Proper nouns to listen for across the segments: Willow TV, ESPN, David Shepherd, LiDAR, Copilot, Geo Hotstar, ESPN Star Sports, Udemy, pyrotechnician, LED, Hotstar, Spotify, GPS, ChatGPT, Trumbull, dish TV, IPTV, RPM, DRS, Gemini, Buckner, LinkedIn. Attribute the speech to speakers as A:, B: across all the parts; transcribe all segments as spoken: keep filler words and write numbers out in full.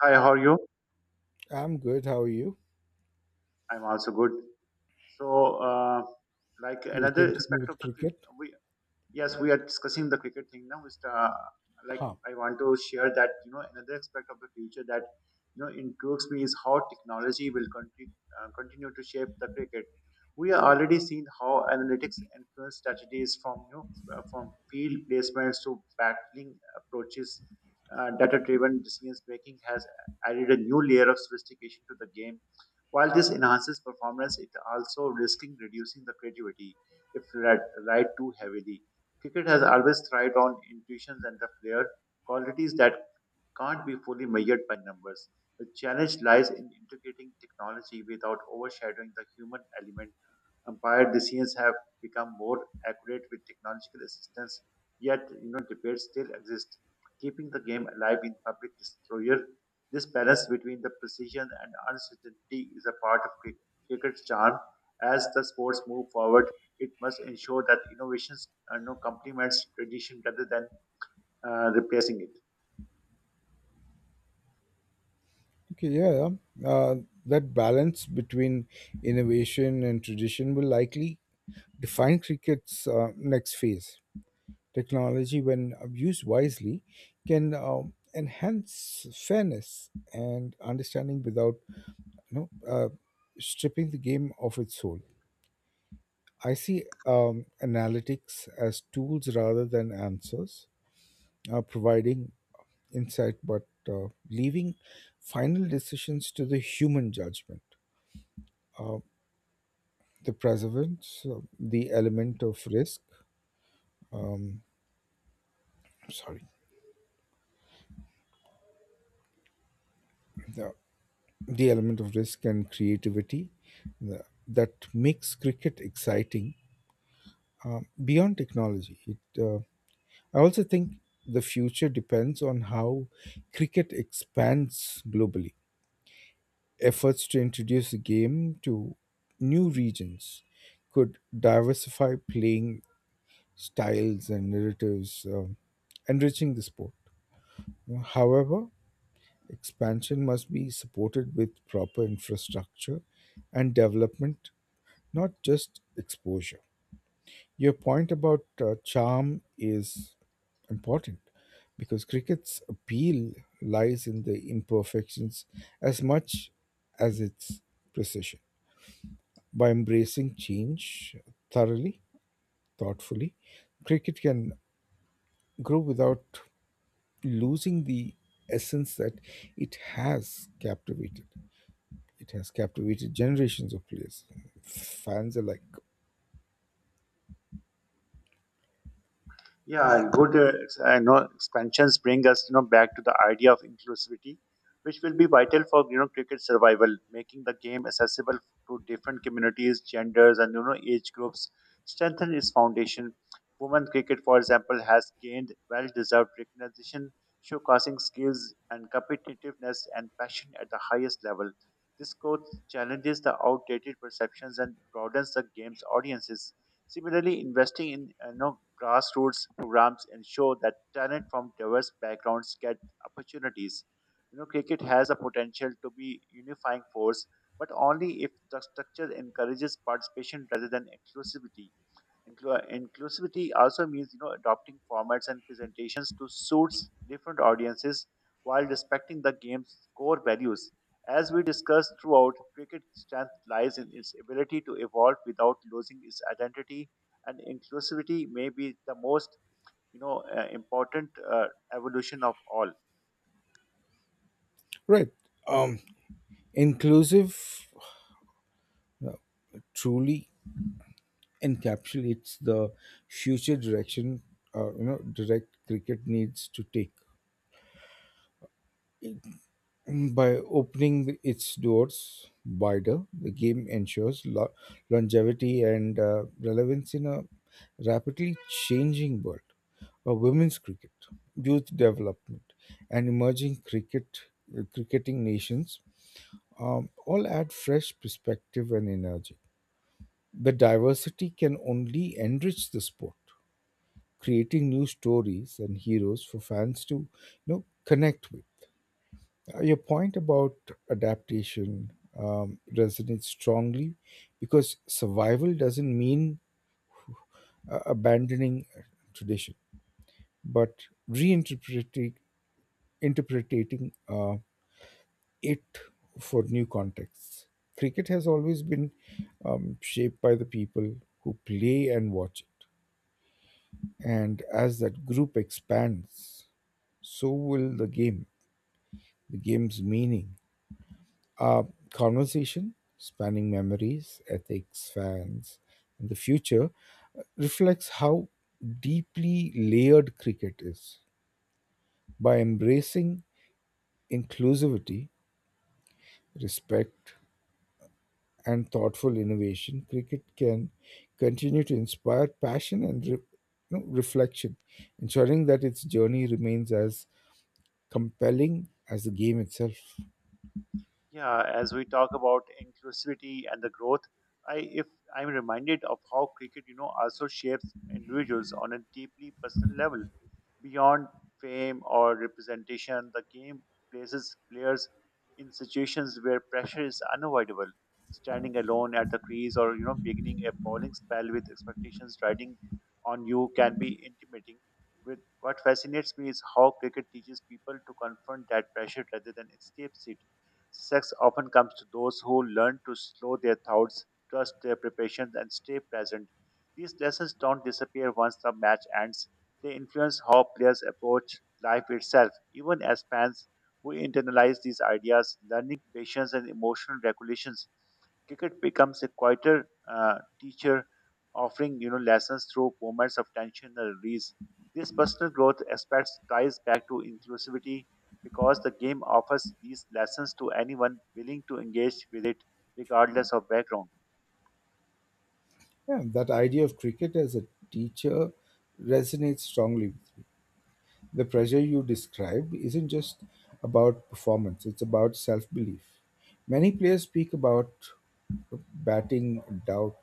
A: Hi, how are you?
B: I'm good. How are you?
A: I'm also good. So, uh, like
B: We'll
A: another
B: continue
A: aspect of
B: with
A: the future,
B: cricket.
A: we yes we are discussing the cricket thing now mister uh, like
B: Huh.
A: I want to share that you know another aspect of the future that you know intrigues me is how technology will continue uh, continue to shape the cricket. We are already seeing how analytics influence strategies from you know uh, from field placements to battling approaches. Uh, data driven decisions making has added a new layer of sophistication to the game. While this enhances performance, it also risking reducing the creativity if relied, relied too heavily. Cricket has always thrived on intuitions and the flair, qualities that can't be fully measured by numbers. The challenge lies in integrating technology without overshadowing the human element. Umpire decisions have become more accurate with technological assistance, yet you know debates still exist, keeping the game alive in public disclosure. This balance between the precision and uncertainty is a part of cri- cricket's charm. As the sports move forward, it must ensure that innovations uh, you know, complements tradition rather than uh, replacing it.
B: Okay, yeah. yeah. Uh, That balance between innovation and tradition will likely define cricket's uh, next phase. Technology, when abused wisely, can um, enhance fairness and understanding without you know, uh, stripping the game of its soul. I see um, analytics as tools rather than answers, uh, providing insight, but uh, leaving final decisions to the human judgment. Uh, the preservance, uh, the element of risk, um, sorry, the, the element of risk and creativity the, that makes cricket exciting um, beyond technology. It, uh, I also think the future depends on how cricket expands globally. Efforts to introduce the game to new regions could diversify playing styles and narratives, um, enriching the sport. However, expansion must be supported with proper infrastructure and development, not just exposure. Your point about uh, charm is important because cricket's appeal lies in the imperfections as much as its precision. By embracing change thoroughly, thoughtfully, cricket can grow without losing the essence that it has captivated. It has captivated generations of players, fans alike.
A: Yeah, and good. Uh, ex- I know expansions bring us, you know, back to the idea of inclusivity, which will be vital for you know cricket survival, making the game accessible to different communities, genders, and you know age groups. Strengthen its foundation. Women cricket, for example, has gained well-deserved recognition, showcasing skills and competitiveness and passion at the highest level. This growth challenges the outdated perceptions and broadens the game's audiences. Similarly, investing in you know, grassroots programs ensure that talent from diverse backgrounds get opportunities. You know, cricket has a potential to be unifying force, but only if the structure encourages participation rather than exclusivity. Inclu- Inclusivity also means you know adopting formats and presentations to suit different audiences while respecting the game's core values. As we discussed throughout, cricket's strength lies in its ability to evolve without losing its identity, and inclusivity may be the most you know uh, important uh, evolution of all.
B: Right. Um, inclusive uh, truly encapsulates the future direction uh, you know direct cricket needs to take. By opening its doors wider, the game ensures lo- longevity and uh, relevance in a rapidly changing world of women's cricket, youth development, and emerging cricket cricketing nations, um, all add fresh perspective and energy. The diversity can only enrich the sport, creating new stories and heroes for fans to you know connect with. Uh, your point about adaptation um, resonates strongly because survival doesn't mean uh, abandoning tradition, but reinterpreting interpreting uh, it for new contexts. Cricket has always been um, shaped by the people who play and watch it, and as that group expands, so will the game, the game's meaning, a conversation spanning memories, ethics, fans, and the future reflects how deeply layered cricket is. By embracing inclusivity, respect, and thoughtful innovation, cricket can continue to inspire passion and re- you know, reflection, ensuring that its journey remains as compelling as the game itself.
A: Yeah, as we talk about inclusivity and the growth, I if I'm reminded of how cricket, you know, also shapes individuals on a deeply personal level. Beyond fame or representation, the game places players in situations where pressure is unavoidable. Standing alone at the crease or you know beginning a bowling spell with expectations riding on you can be intimidating. With what fascinates me is how cricket teaches people to confront that pressure rather than escape it. Success often comes to those who learn to slow their thoughts, trust their preparations, and stay present. These lessons don't disappear once the match ends. They influence how players approach life itself. Even as fans, we internalize these ideas, learning patience and emotional regulations. Cricket becomes a quieter uh, teacher, offering you know lessons through moments of tension and release. This personal growth aspect ties back to inclusivity because the game offers these lessons to anyone willing to engage with it, regardless of background.
B: Yeah, that idea of cricket as a teacher resonates strongly with me. The pressure you described isn't just about performance, it's about self belief. Many players speak about batting doubt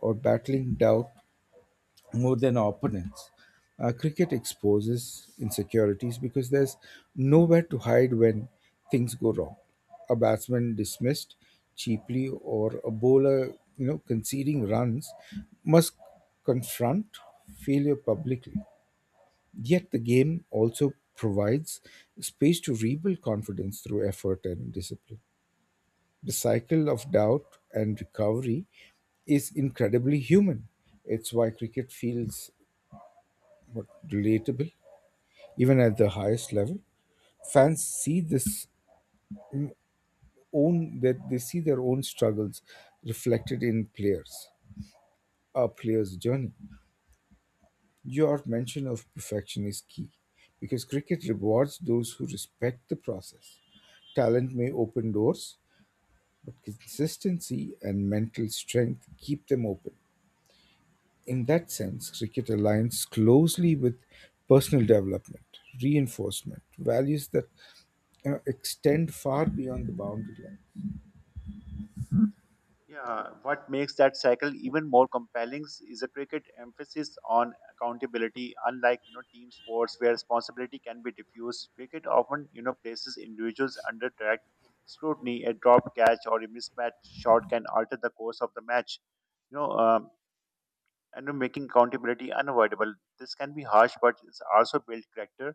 B: or battling doubt more than opponents. Uh, cricket exposes insecurities because there's nowhere to hide when things go wrong. A batsman dismissed cheaply or a bowler, you know, conceding runs must confront failure publicly. Yet the game also provides space to rebuild confidence through effort and discipline. The cycle of doubt and recovery is incredibly human. It's why cricket feels what, relatable, even at the highest level. Fans see this own that they see their own struggles reflected in players, a player's journey. Your mention of perfection is key because cricket rewards those who respect the process. Talent may open doors, but consistency and mental strength keep them open. In that sense, cricket aligns closely with personal development, reinforcement, values that you know, extend far beyond the boundary line.
A: Yeah, what makes that cycle even more compelling is a cricket emphasis on accountability. Unlike you know team sports where responsibility can be diffused, cricket often you know places individuals under direct scrutiny. A dropped catch or a mismatched shot can alter the course of the match. You know, um, and making accountability unavoidable. This can be harsh, but it's also built character.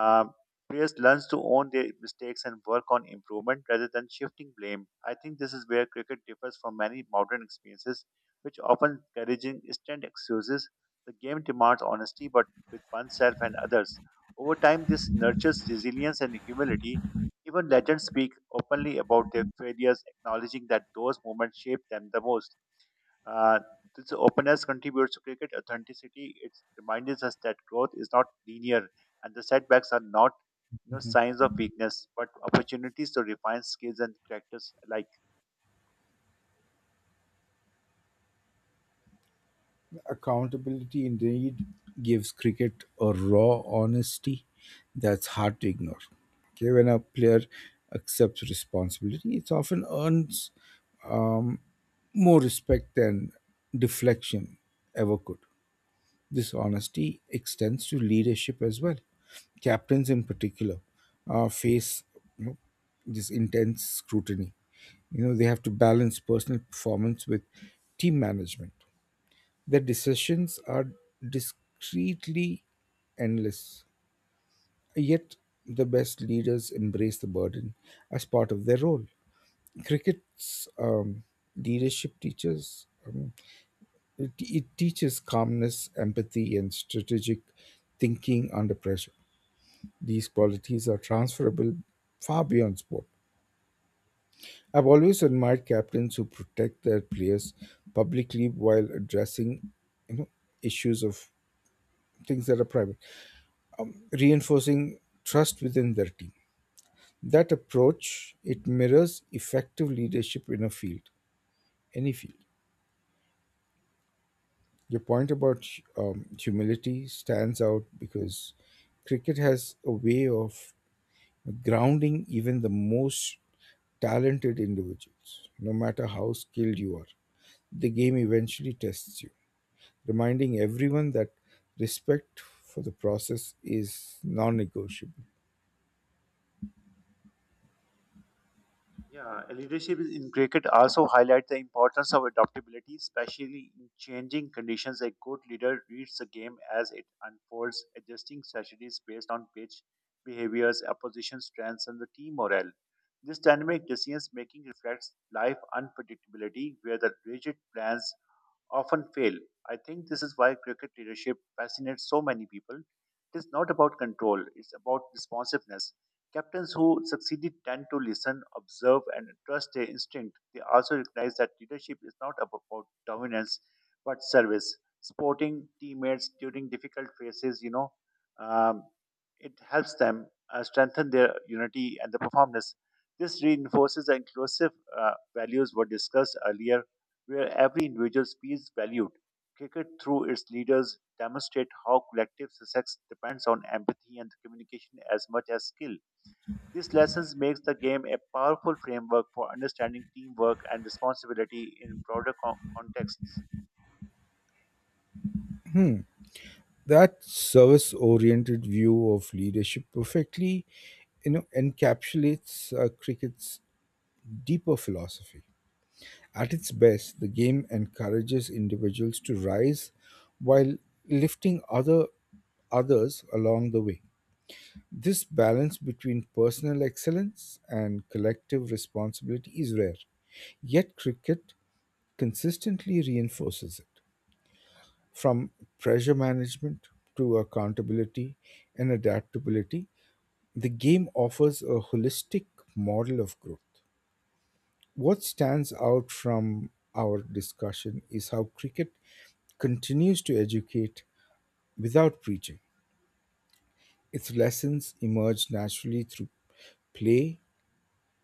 A: Uh, players learn to own their mistakes and work on improvement rather than shifting blame. I think this is where cricket differs from many modern experiences, which often encouraging instant excuses. The game demands honesty, but with oneself and others. Over time, this nurtures resilience and humility. Even legends speak openly about their failures, acknowledging that those moments shaped them the most. Uh, this openness contributes to cricket authenticity. It reminds us that growth is not linear and the setbacks are not you know,
B: Mhm.
A: signs of weakness, but opportunities to refine skills and characters alike.
B: Accountability indeed gives cricket a raw honesty that's hard to ignore. Okay, when a player accepts responsibility, it often earns, um, more respect than deflection ever could. This honesty extends to leadership as well. Captains, in particular, uh, face you know, this intense scrutiny. You know, they have to balance personal performance with team management. Their decisions are discreetly endless, yet the best leaders embrace the burden as part of their role. Cricket's um, leadership teaches it, it teaches calmness, empathy, and strategic thinking under pressure. These qualities are transferable far beyond sport. I've always admired captains who protect their players publicly while addressing you know, issues of things that are private, reinforcing trust within their team. That approach it mirrors effective leadership in a field, any field. Your point about um, humility stands out because cricket has a way of grounding even the most talented individuals, no matter how skilled you are. The game eventually tests you, reminding everyone that respect for the process is non negotiable.
A: Yeah, leadership is- in cricket also highlight the importance of adaptability, especially in changing conditions. A good leader reads the game as it unfolds, adjusting strategies based on pitch behaviors, opposition strengths, and the team morale. This dynamic decision making reflects life unpredictability, where the rigid plans often fail. I think this is why cricket leadership fascinates so many people. It is not about control, it's about responsiveness. Captains who succeeded tend to listen, observe, and trust their instinct. They also recognize that leadership is not about dominance but service, supporting teammates during difficult phases. You know, um, it helps them uh, strengthen their unity and the performance. This reinforces the inclusive uh, values were discussed earlier where every individual feels valued. Cricket, through its leaders, demonstrate how collective success depends on empathy and communication as much as skill. These lessons makes the game a powerful framework for understanding teamwork and responsibility in broader co- contexts.
B: That service oriented view of leadership perfectly you know, encapsulates uh, cricket's deeper philosophy. At its best, the game encourages individuals to rise while lifting other others along the way. This balance between personal excellence and collective responsibility is rare, yet cricket consistently reinforces it. From pressure management to accountability and adaptability, the game offers a holistic model of growth. What stands out from our discussion is how cricket continues to educate without preaching. Its lessons emerge naturally through play,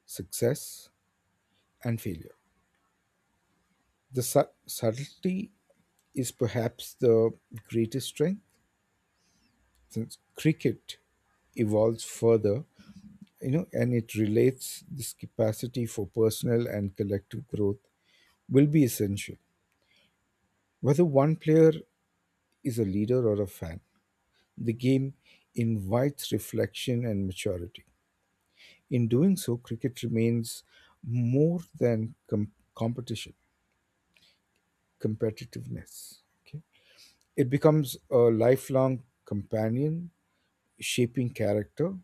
B: success, and failure. The su- subtlety is perhaps the greatest strength since cricket evolves further, you know, and it relates this capacity for personal and collective growth will be essential. Whether one player is a leader or a fan, the game invites reflection and maturity. In doing so, cricket remains more than com- competition, competitiveness. Okay. It becomes a lifelong companion, shaping character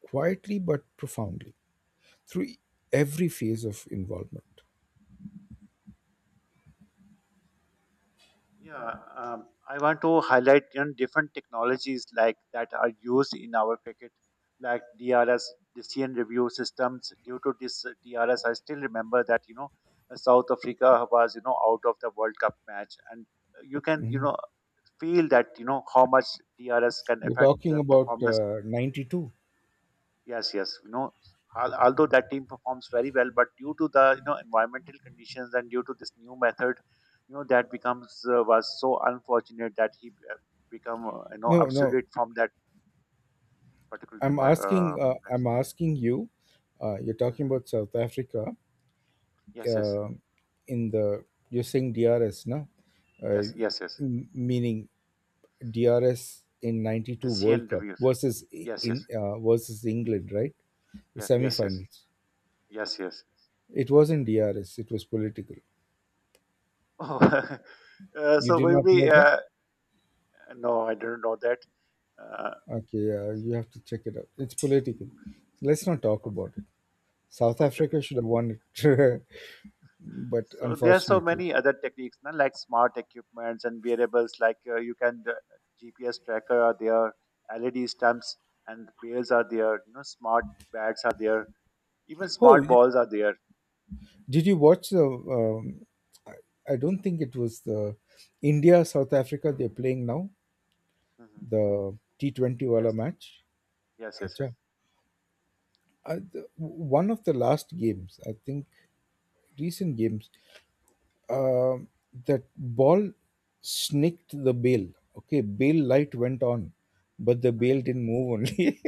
B: quietly but profoundly through every phase of involvement.
A: Yeah, um, I want to highlight you know, different technologies like that are used in our cricket, like D R S, decision review systems. Due to this uh, D R S, I still remember that you know uh, South Africa was you know out of the World Cup match, and uh, you can you
B: Mhm.
A: know feel that you know how much D R S can
B: You're
A: affect
B: talking
A: the
B: about
A: performance.
B: uh, ninety two.
A: Yes, yes. You know, al- although that team performs very well, but due to the you know environmental conditions and due to this new method, you know that becomes uh, was so unfortunate that he uh, become uh, you know
B: No, no.
A: obsolete from that particular
B: I'm
A: depart- uh,
B: asking. Uh,
A: match.
B: I'm asking you. Uh, you're talking
A: Hmm.
B: about South Africa.
A: Yes, yes,
B: Uh, in the you're saying D R S, no? Uh,
A: yes, yes, yes.
B: m- Meaning D R S in
A: The
B: 'ninety two
A: C N
B: World Cup
A: reviews.
B: versus i-
A: Yes, yes,
B: in uh, versus England, right? The
A: yes, yes, yes,
B: semi-finals.
A: yes, yes.
B: It wasn't D R S, it was political.
A: Oh, uh,
B: You
A: so
B: did not
A: maybe
B: know that?
A: uh, no, I don't know that. Uh,
B: Okay, yeah, you have to check it out. It's political. Let's not talk about
A: okay,
B: it. South
A: okay, okay.
B: Africa should have won it, but
A: So there are so
B: unfortunately.
A: many other techniques, na, like smart equipments and wearables, like uh, you can the G P S tracker are there, L E D stamps and bells are there, you know, smart bats are there, even
B: Oh,
A: smart
B: y-
A: balls are there.
B: did you watch the? Um, I I don't think it was the India South Africa they're playing now,
A: Hmm.
B: the T twenty Wala
A: Yes,
B: match.
A: yes, yes, yes.
B: Acha. Uh, the, one of the last games, I think, recent games. Um that ball snicked the bail. Okay, bail light went on, but the bail
A: Hmm.
B: didn't move. Only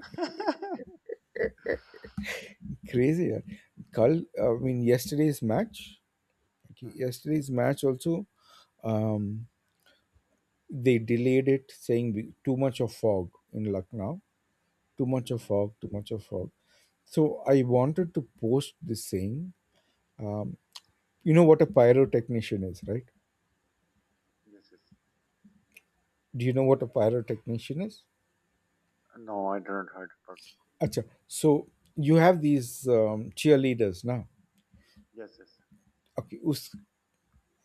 A: hmm
B: crazy. Yeah. Carl, I mean yesterday's match. Okay, yesterday's match also. Um, they delayed it, saying we- too much of fog in Lucknow. Too much of
A: hmm
B: fog. Too much of fog. So I wanted to post this saying. Um, you know what a pyrotechnician is, right?
A: Yes, yes.
B: Do you know what a pyrotechnician is?
A: No, I don't heard about.
B: अच्छा so you have these um, cheerleaders now
A: Yes, yes.
B: okay us-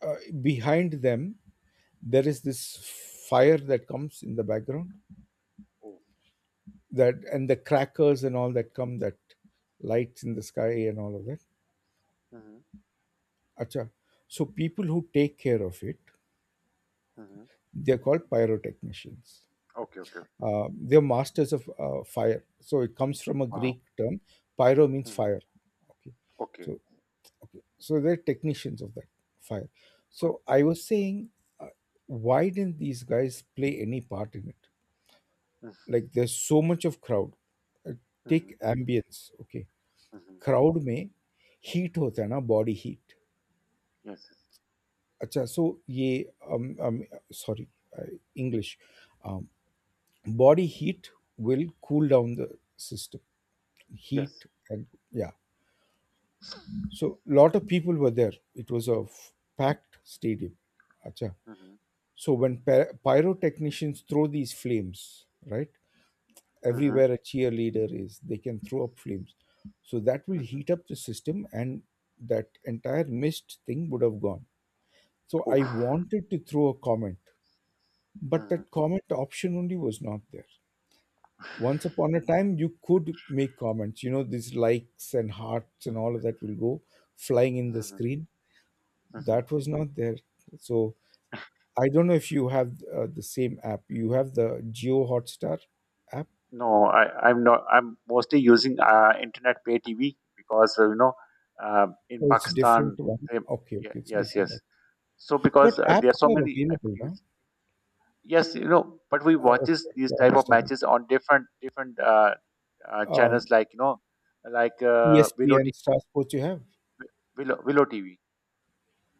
B: uh, behind them there is this fire that comes in the background
A: Oh.
B: that and the crackers and all that come that lights in the sky and all of that.
A: Hmm.
B: Acha. So people who take care of it,
A: Hmm.
B: they're called pyrotechnicians.
A: Okay, okay.
B: Uh, they're masters of uh, fire. So it comes from a
A: Wow.
B: Greek term. Pyro means
A: Hmm.
B: fire. Okay.
A: Okay.
B: So okay. So they're technicians of that fire. So I was saying, uh, why didn't these guys play any part in it? Like there's so much of crowd. Uh,
A: Mm-hmm.
B: Take ambience. Okay.
A: Hmm.
B: Crowd में heat होता है ना body heat.
A: Yes, yes.
B: अच्छा so ये sorry English body heat will cool down the system
A: Yes.
B: heat and yeah, so lot of people were there, it was a f- packed stadium. Acha.
A: Hmm.
B: So when py- pyrotechnicians throw these flames, right,
A: Hmm.
B: everywhere a cheerleader is, they can throw up flames, so that will
A: Hmm.
B: heat up the system, and that entire mist thing would have gone. So
A: Oh.
B: I wanted to throw a comment, but
A: Mm-hmm.
B: that comment option only was not there. Once upon a time you could make comments, you know, these likes and hearts and all of that will go flying in the
A: Mhm,
B: screen.
A: mhm.
B: That was not there. So I don't know if you have uh, the same app, you have the Geo Hotstar app.
A: No, I, I'm not. I'm mostly using uh, internet pay T V because uh, you know, uh, in
B: Oh, it's different
A: Pakistan,
B: one,
A: they,
B: okay,
A: yeah,
B: okay, it's
A: yes,
B: different
A: yes.
B: app.
A: So
B: But
A: because uh, there are
B: apps
A: so
B: are
A: many
B: available now.
A: opportunities. Yes, you know, but we
B: Oh,
A: watches
B: okay,
A: these
B: okay, I
A: type of
B: understand
A: matches on different different uh, uh,
B: that.
A: channels,
B: Um,
A: like you know, like uh, Willow
B: ESPN
A: T V.
B: Star Sports you have,
A: Willow, Willow T V.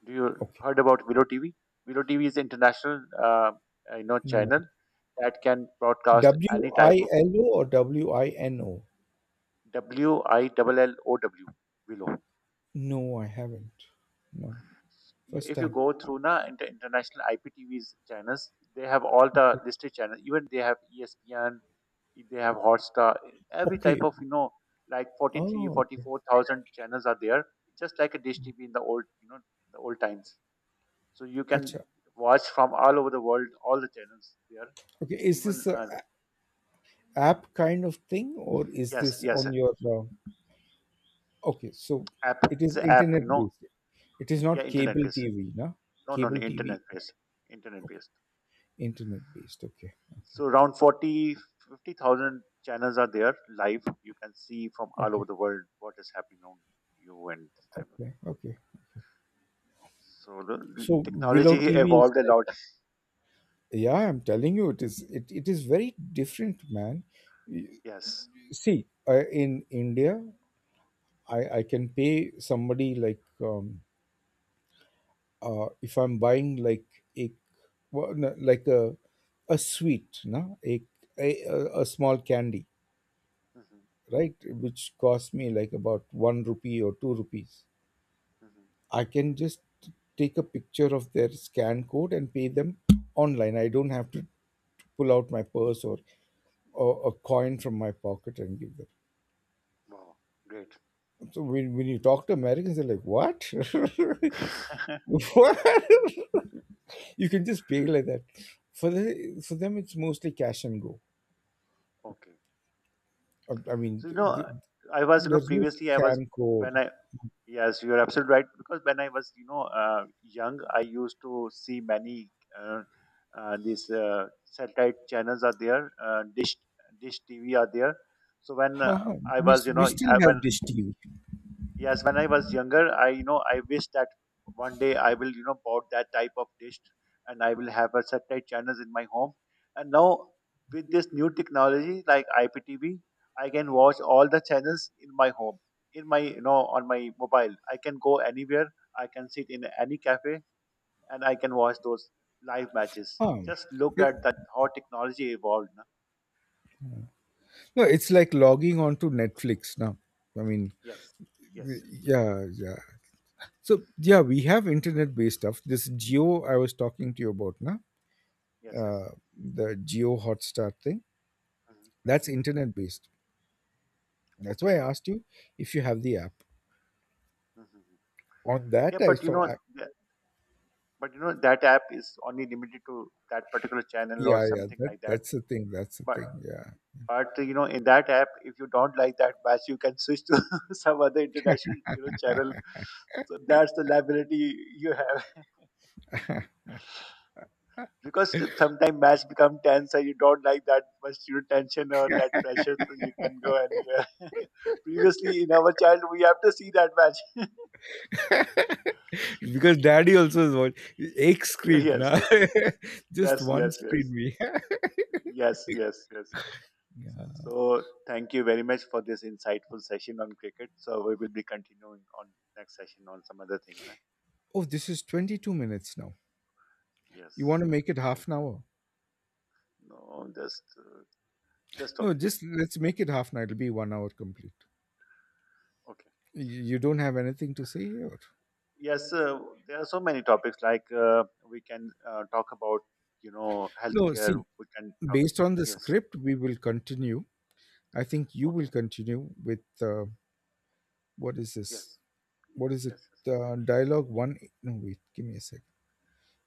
A: Do you
B: okay.
A: heard about Willow T V? Willow T V is international, uh, uh, you know,
B: No,
A: channel that can broadcast any type of
B: W I L O or W I N O?
A: W I double Willow.
B: No, I haven't. No,
A: You-
B: first
A: If you
B: time.
A: go through na inter- international I P T V's channels, they have all the listed channels. Even they have ESPN, they have Hotstar, every type
B: Okay.
A: of you know like forty three,
B: Oh,
A: forty
B: okay.
A: four thousand channels are there, just like a dish T V in the old you know the old times. So you can
B: Acha.
A: watch from all over the world all the channels there.
B: Okay. Is
A: Even
B: this a
A: uh,
B: a- app kind of thing or is
A: yes,
B: this
A: yes,
B: on your uh, okay, so
A: app
B: it
A: it's
B: is
A: an app
B: internet
A: you know
B: based. It is
A: yeah
B: not
A: internet
B: cable
A: based.
B: T V, no?
A: No, no,
B: Cable
A: no
B: T V.
A: internet based, internet
B: Okay.
A: based.
B: Internet based. Okay. Okay.
A: So around forty, fifty thousand channels are there live. You can see from all over
B: Okay.
A: the world what is happening on you and this type of
B: Okay.
A: thing.
B: Okay.
A: So the
B: So
A: technology
B: Willow T V is
A: evolved a
B: like,
A: lot.
B: yeah, I'm telling you, it is it, it is very different, man.
A: Yes.
B: See, uh, in India, I I can pay somebody like um uh, if I'm buying like a, well, no, like a a sweet, no, a, a a a small candy,
A: Hmm.
B: right, which cost me like about one rupee or two rupees,
A: Hmm.
B: I can just take a picture of their scan code and pay them online. I don't have to pull out my purse or or a coin from my pocket and give them.
A: Wow. Great.
B: So when, when you talk to Americans, they're like, "What? What? You can just pay like that." For the for them, it's mostly cash and go.
A: okay.
B: I, I mean,
A: So you
B: th- th-
A: know, I was you know
B: there's no
A: previously I was
B: scan code.
A: when I yes, you're absolutely right. Because when I was, you know, uh, young, I used to see many uh, uh, these uh, satellite channels are there, uh, dish dish T V are there. So when
B: Huh,
A: uh,
B: huh.
A: I
B: we
A: was,
B: s-
A: you
B: we
A: know,
B: still
A: I,
B: have
A: when
B: dish T V.
A: yes, when I was younger, I you know I wish that one day I will you know bought that type of dish, and I will have a satellite channels in my home. And now with this new technology like I P T V, I can watch all the channels in my home, in my you know on my mobile. I can go anywhere. I can sit in any cafe, and I can watch those live matches.
B: Huh.
A: Just look
B: It-
A: at that how technology evolved. No.
B: no, it's like logging onto Netflix now. I mean,
A: Yes, yes,
B: y-
A: yes,
B: yeah, yeah. So yeah, we have internet-based stuff. This Geo I was talking to you about, now,
A: yes, yes.
B: uh, the Geo Hotstar thing. That's
A: Hmm.
B: internet based. That's
A: Okay.
B: why I asked you if you have the app.
A: Hmm.
B: On that,
A: Yeah,
B: I
A: but you
B: saw.
A: know,
B: I,
A: but you know that app is only limited to that particular channel or
B: yeah, yeah.
A: something
B: That
A: like that,
B: that's the thing. That's the
A: but
B: thing. Yeah,
A: but you know in that app if you don't like that match you can switch to some other international you know channel, so that's the liability you have because sometimes match become tense and you don't like that much you know, tension or that pressure so you can go anywhere previously in our child we have to see that match
B: because daddy also is what egg screen
A: yes
B: now. Just
A: yes
B: one
A: yes yes
B: screen we. have.
A: yes yes yes
B: Yeah.
A: So thank you very much for this insightful session on cricket. So we will be continuing on next session on some other thing, na?
B: Oh, this is twenty two minutes now. You want
A: Yes.
B: to make it
A: Thank
B: half an hour?
A: you. No, just uh, just stop
B: No,
A: it here.
B: just let's make it half an hour. It'll be one hour complete.
A: Okay.
B: You you don't have anything to say here.
A: Yes, uh, there are so many topics like uh, we can uh, talk about, you know,
B: No,
A: healthcare.
B: see,
A: We can talk.
B: based on the
A: Yes.
B: script, we will continue. I think you will
A: Okay.
B: continue with uh, what is this?
A: Yes.
B: What is it?
A: Yes. Yes.
B: Uh, dialogue
A: Yes.
B: one. No, wait. Give me a sec.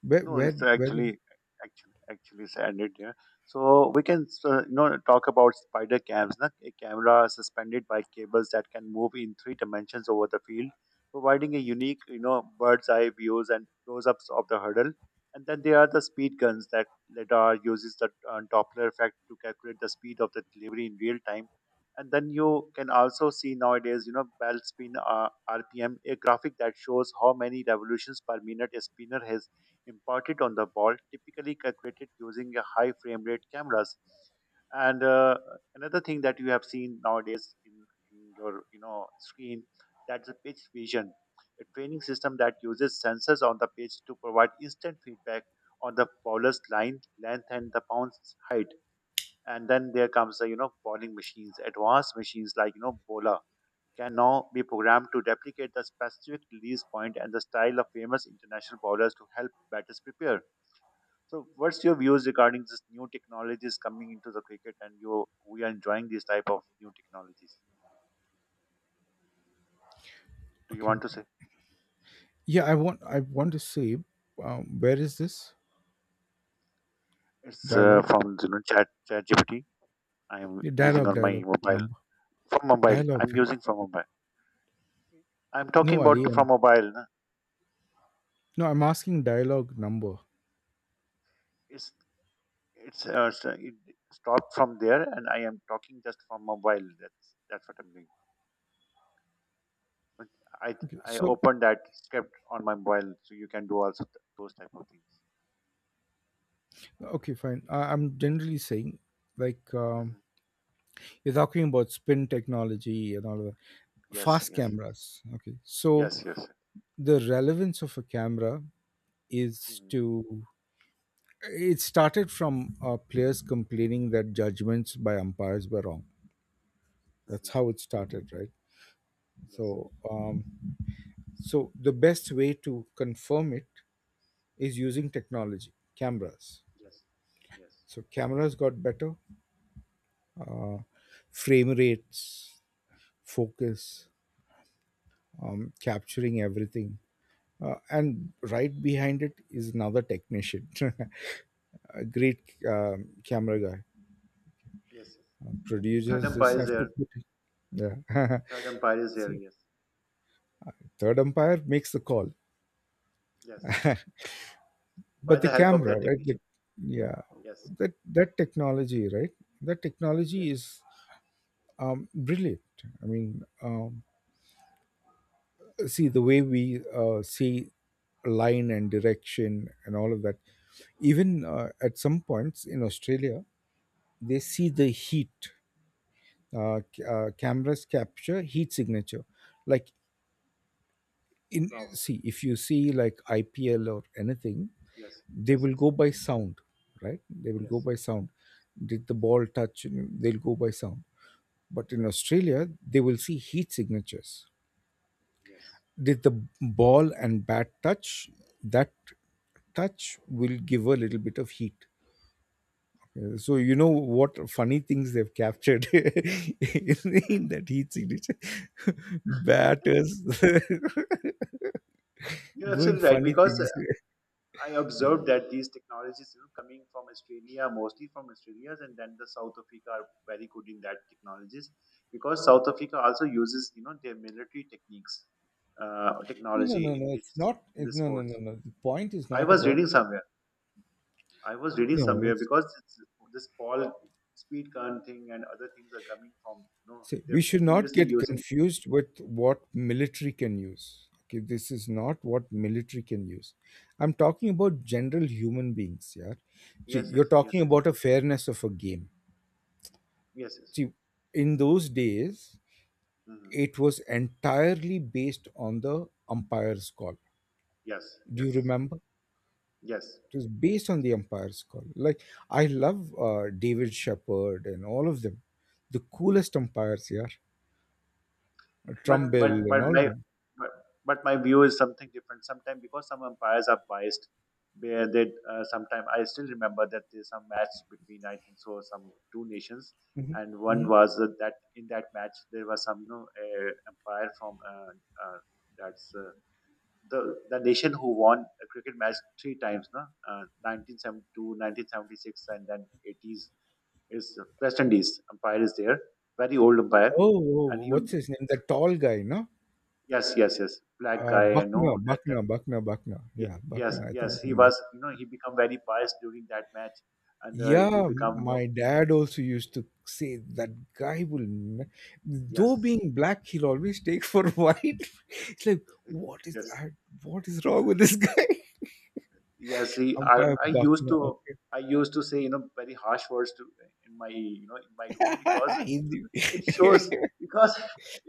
B: Where,
A: No, it's
B: where, where do?
A: actually actually actually standard. Yeah. So we can uh, you know talk about spider cams, na? A camera suspended by cables that can move in three dimensions over the field, providing a unique you know bird's eye views and close-ups of the hurdle. And then there are the speed guns that LiDAR uses the uh, Doppler effect to calculate the speed of the delivery in real time. And then you can also see nowadays, you know, bell spin uh, R P M, a graphic that shows how many revolutions per minute a spinner has imparted on the ball, typically calculated using a high frame rate cameras. And uh, another thing that you have seen nowadays in, in your you know screen, that's a pitch vision, a training system that uses sensors on the pitch to provide instant feedback on the bowler's line length and the bounce height. And then there comes the you know bowling machines, advanced machines like you know bowler can now be programmed to replicate the specific release point and the style of famous international bowlers to help batters prepare. So, what's your views regarding this new technologies coming into the cricket, and you we are enjoying these type of new technologies? Do you
B: Okay.
A: want to say
B: Yeah, I want. I want to see. Um, where is this
A: it's uh,
B: dialogue?
A: from you know Chat ChatGPT? I'm
B: Yeah,
A: using
B: dialogue,
A: on my
B: dialogue
A: mobile,
B: number.
A: from mobile.
B: Dialogue.
A: I'm
B: di-
A: using from mobile. I'm talking
B: No, Ali.
A: about from
B: I'm,
A: mobile, na.
B: no, I'm asking dialogue number.
A: It's it's uh, s- it stopped from there, and I am talking just from mobile. That's that's what I'm doing. But I
B: Okay.
A: I
B: So,
A: opened that script on my mobile, so you can do also th- those type of things.
B: okay, fine. I, I'm generally saying like um,
A: Hmm.
B: you're talking about spin technology and all of that.
A: Yes,
B: Fast
A: yes, yes,
B: cameras. Okay. So
A: yes, yes.
B: the relevance of a camera is
A: Mhm,
B: to. It started from uh, players complaining that judgments by umpires were wrong. That's
A: mhm.
B: how it started, right?
A: Yes,
B: So, um, so the best way to confirm it is using technology, cameras.
A: yes, yes,
B: So cameras got better, uh, frame rates, focus, um, capturing everything, uh, and right behind it is another technician. a great um, camera guy.
A: yes, yes.
B: Uh,
A: Third
B: producers just
A: umpire is
B: have to
A: there.
B: put it. Yeah.
A: Third umpire is there.
B: So,
A: Yes,
B: third umpire makes the call,
A: yes. By
B: but the
A: the help of
B: camera,
A: that
B: right the,
A: technician.
B: yeah,
A: Yes,
B: that that technology, right that technology
A: yes.
B: is um, brilliant. I mean, um, see the way we uh, see line and direction and all of that. Even uh, at some points in Australia, they see the heat. Uh, c- uh, cameras capture heat signature, like, in,
A: Wow.
B: see, if you see like IPL or anything,
A: Yes,
B: they
A: yes,
B: will
A: yes,
B: go by sound. Right, they will
A: yes,
B: go by sound. Did the ball touch, you know, they'll go by sound. But in
A: yes,
B: Australia, they will see heat signatures.
A: yes.
B: Did the ball and bat touch? That touch will give a little bit of heat. Uh, so you know what funny things they've captured in, in that heat signature. batters
A: You're
B: doing
A: absolutely right
B: funny
A: because
B: things.
A: uh, I
B: yeah.
A: observed that these technologies, you know, coming from Australia, mostly from Australia, and then the South Africa are very good in that technologies, because South Africa also uses, you know, their military techniques, uh,
B: no no no
A: technology
B: no
A: in
B: it's
A: this
B: not.
A: in
B: It-
A: this
B: no no no
A: sports.
B: no the point is
A: I
B: not
A: was
B: about,
A: reading somewhere. I was reading
B: no
A: somewhere
B: it's —
A: because it's, this Paul speed gun thing and other things are coming from, no,
B: see, we
A: they're
B: should not
A: previously
B: get
A: using.
B: confused with what military can use. Okay, this is not what military can use. I'm talking about general human beings. Yeah, see,
A: Yes, yes,
B: you're
A: yes,
B: talking
A: yes,
B: about a fairness of a game.
A: yes, yes,
B: See, in those days,
A: hmm,
B: it was entirely based on the umpire's call.
A: yes,
B: Do you
A: yes,
B: remember? It
A: yes.
B: was based on the umpire's call. Like, I love uh, David Shepherd and all of them, the coolest umpires. Yeah,
A: But but
B: Trumbull
A: but
B: and all of
A: my
B: them.
A: but, but my view is something different. Sometimes because some umpires are biased, where they uh, sometimes I still remember that there's some match between, I think so, some two nations.
B: Mhm,
A: And one
B: mhm.
A: was that that in that match there was some you know uh, umpire from uh, uh, that's uh, the the nation who won a cricket match three times, no? Uh, nineteen seventy-two, nineteen seventy-six, and then eighties is West Indies umpire is there, very old umpire,
B: Oh, oh,
A: and
B: oh,
A: he would,
B: what's his name? The tall guy, no?
A: yes, yes, yes, black
B: Uh,
A: guy, I know
B: Buckner,
A: that
B: Buckner,
A: type.
B: Buckner, Buckner.
A: Ye-
B: Yeah,
A: Yes,
B: Buckner. I think
A: yes,
B: his
A: he
B: name
A: was,
B: Buck-
A: you know, he become very biased during that match, and uh, he
B: yeah,
A: become, no,
B: my dad also used to say that guy will, ne- though
A: yes,
B: being black, he'll always take for white. It's like, what is
A: yes,
B: I- what is wrong with this guy?
A: yes, he, I,
B: Umpire
A: I used
B: Buckner.
A: to,
B: Okay.
A: I used to say, you know, very harsh words to, in my, you know, in my room. Because
B: Hindi.
A: it shows, because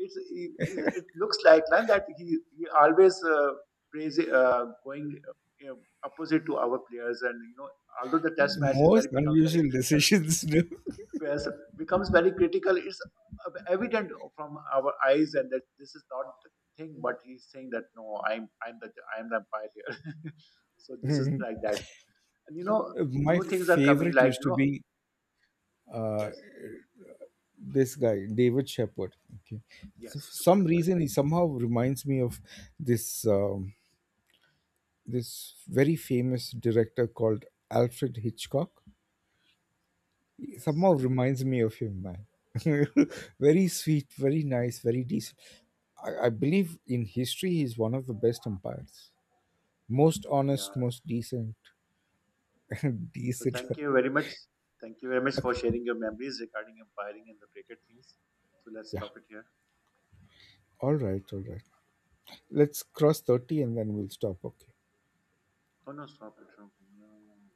A: it's, it, it looks like na, that he, he always uh, prays, uh, going uh, you know, opposite to our players. And, you know, although the test
B: The
A: match is
B: most
A: very becomes very
B: unusual
A: critical,
B: decisions. No?
A: players becomes very critical. It's evident from our eyes and that this is not the thing, but he's saying that, no, I'm, I'm the, I'm the umpire here. So this is like that. And, you know,
B: My
A: new things are coming,
B: favorite
A: like,
B: used
A: you
B: to
A: know,
B: be. Uh,
A: yes,
B: this guy David Shepherd. Okay, so
A: yes,
B: for
A: it's a good
B: some
A: umpire.
B: reason he somehow reminds me of this um, this very famous director called Alfred Hitchcock. He
A: Yes.
B: somehow reminds me of him, man. very sweet, very nice, very decent. I, I believe in history he's one of the best umpires. Most
A: Yeah.
B: honest, most decent.
A: So
B: decent.
A: thank you very much. Thank you very much for
B: Okay.
A: sharing your memories regarding umpiring and the cricket things. So let's
B: Yeah,
A: stop it here.
B: all right, all right, let's cross thirty and then we'll stop, okay.
A: Oh no, stop it. No, no, no. no.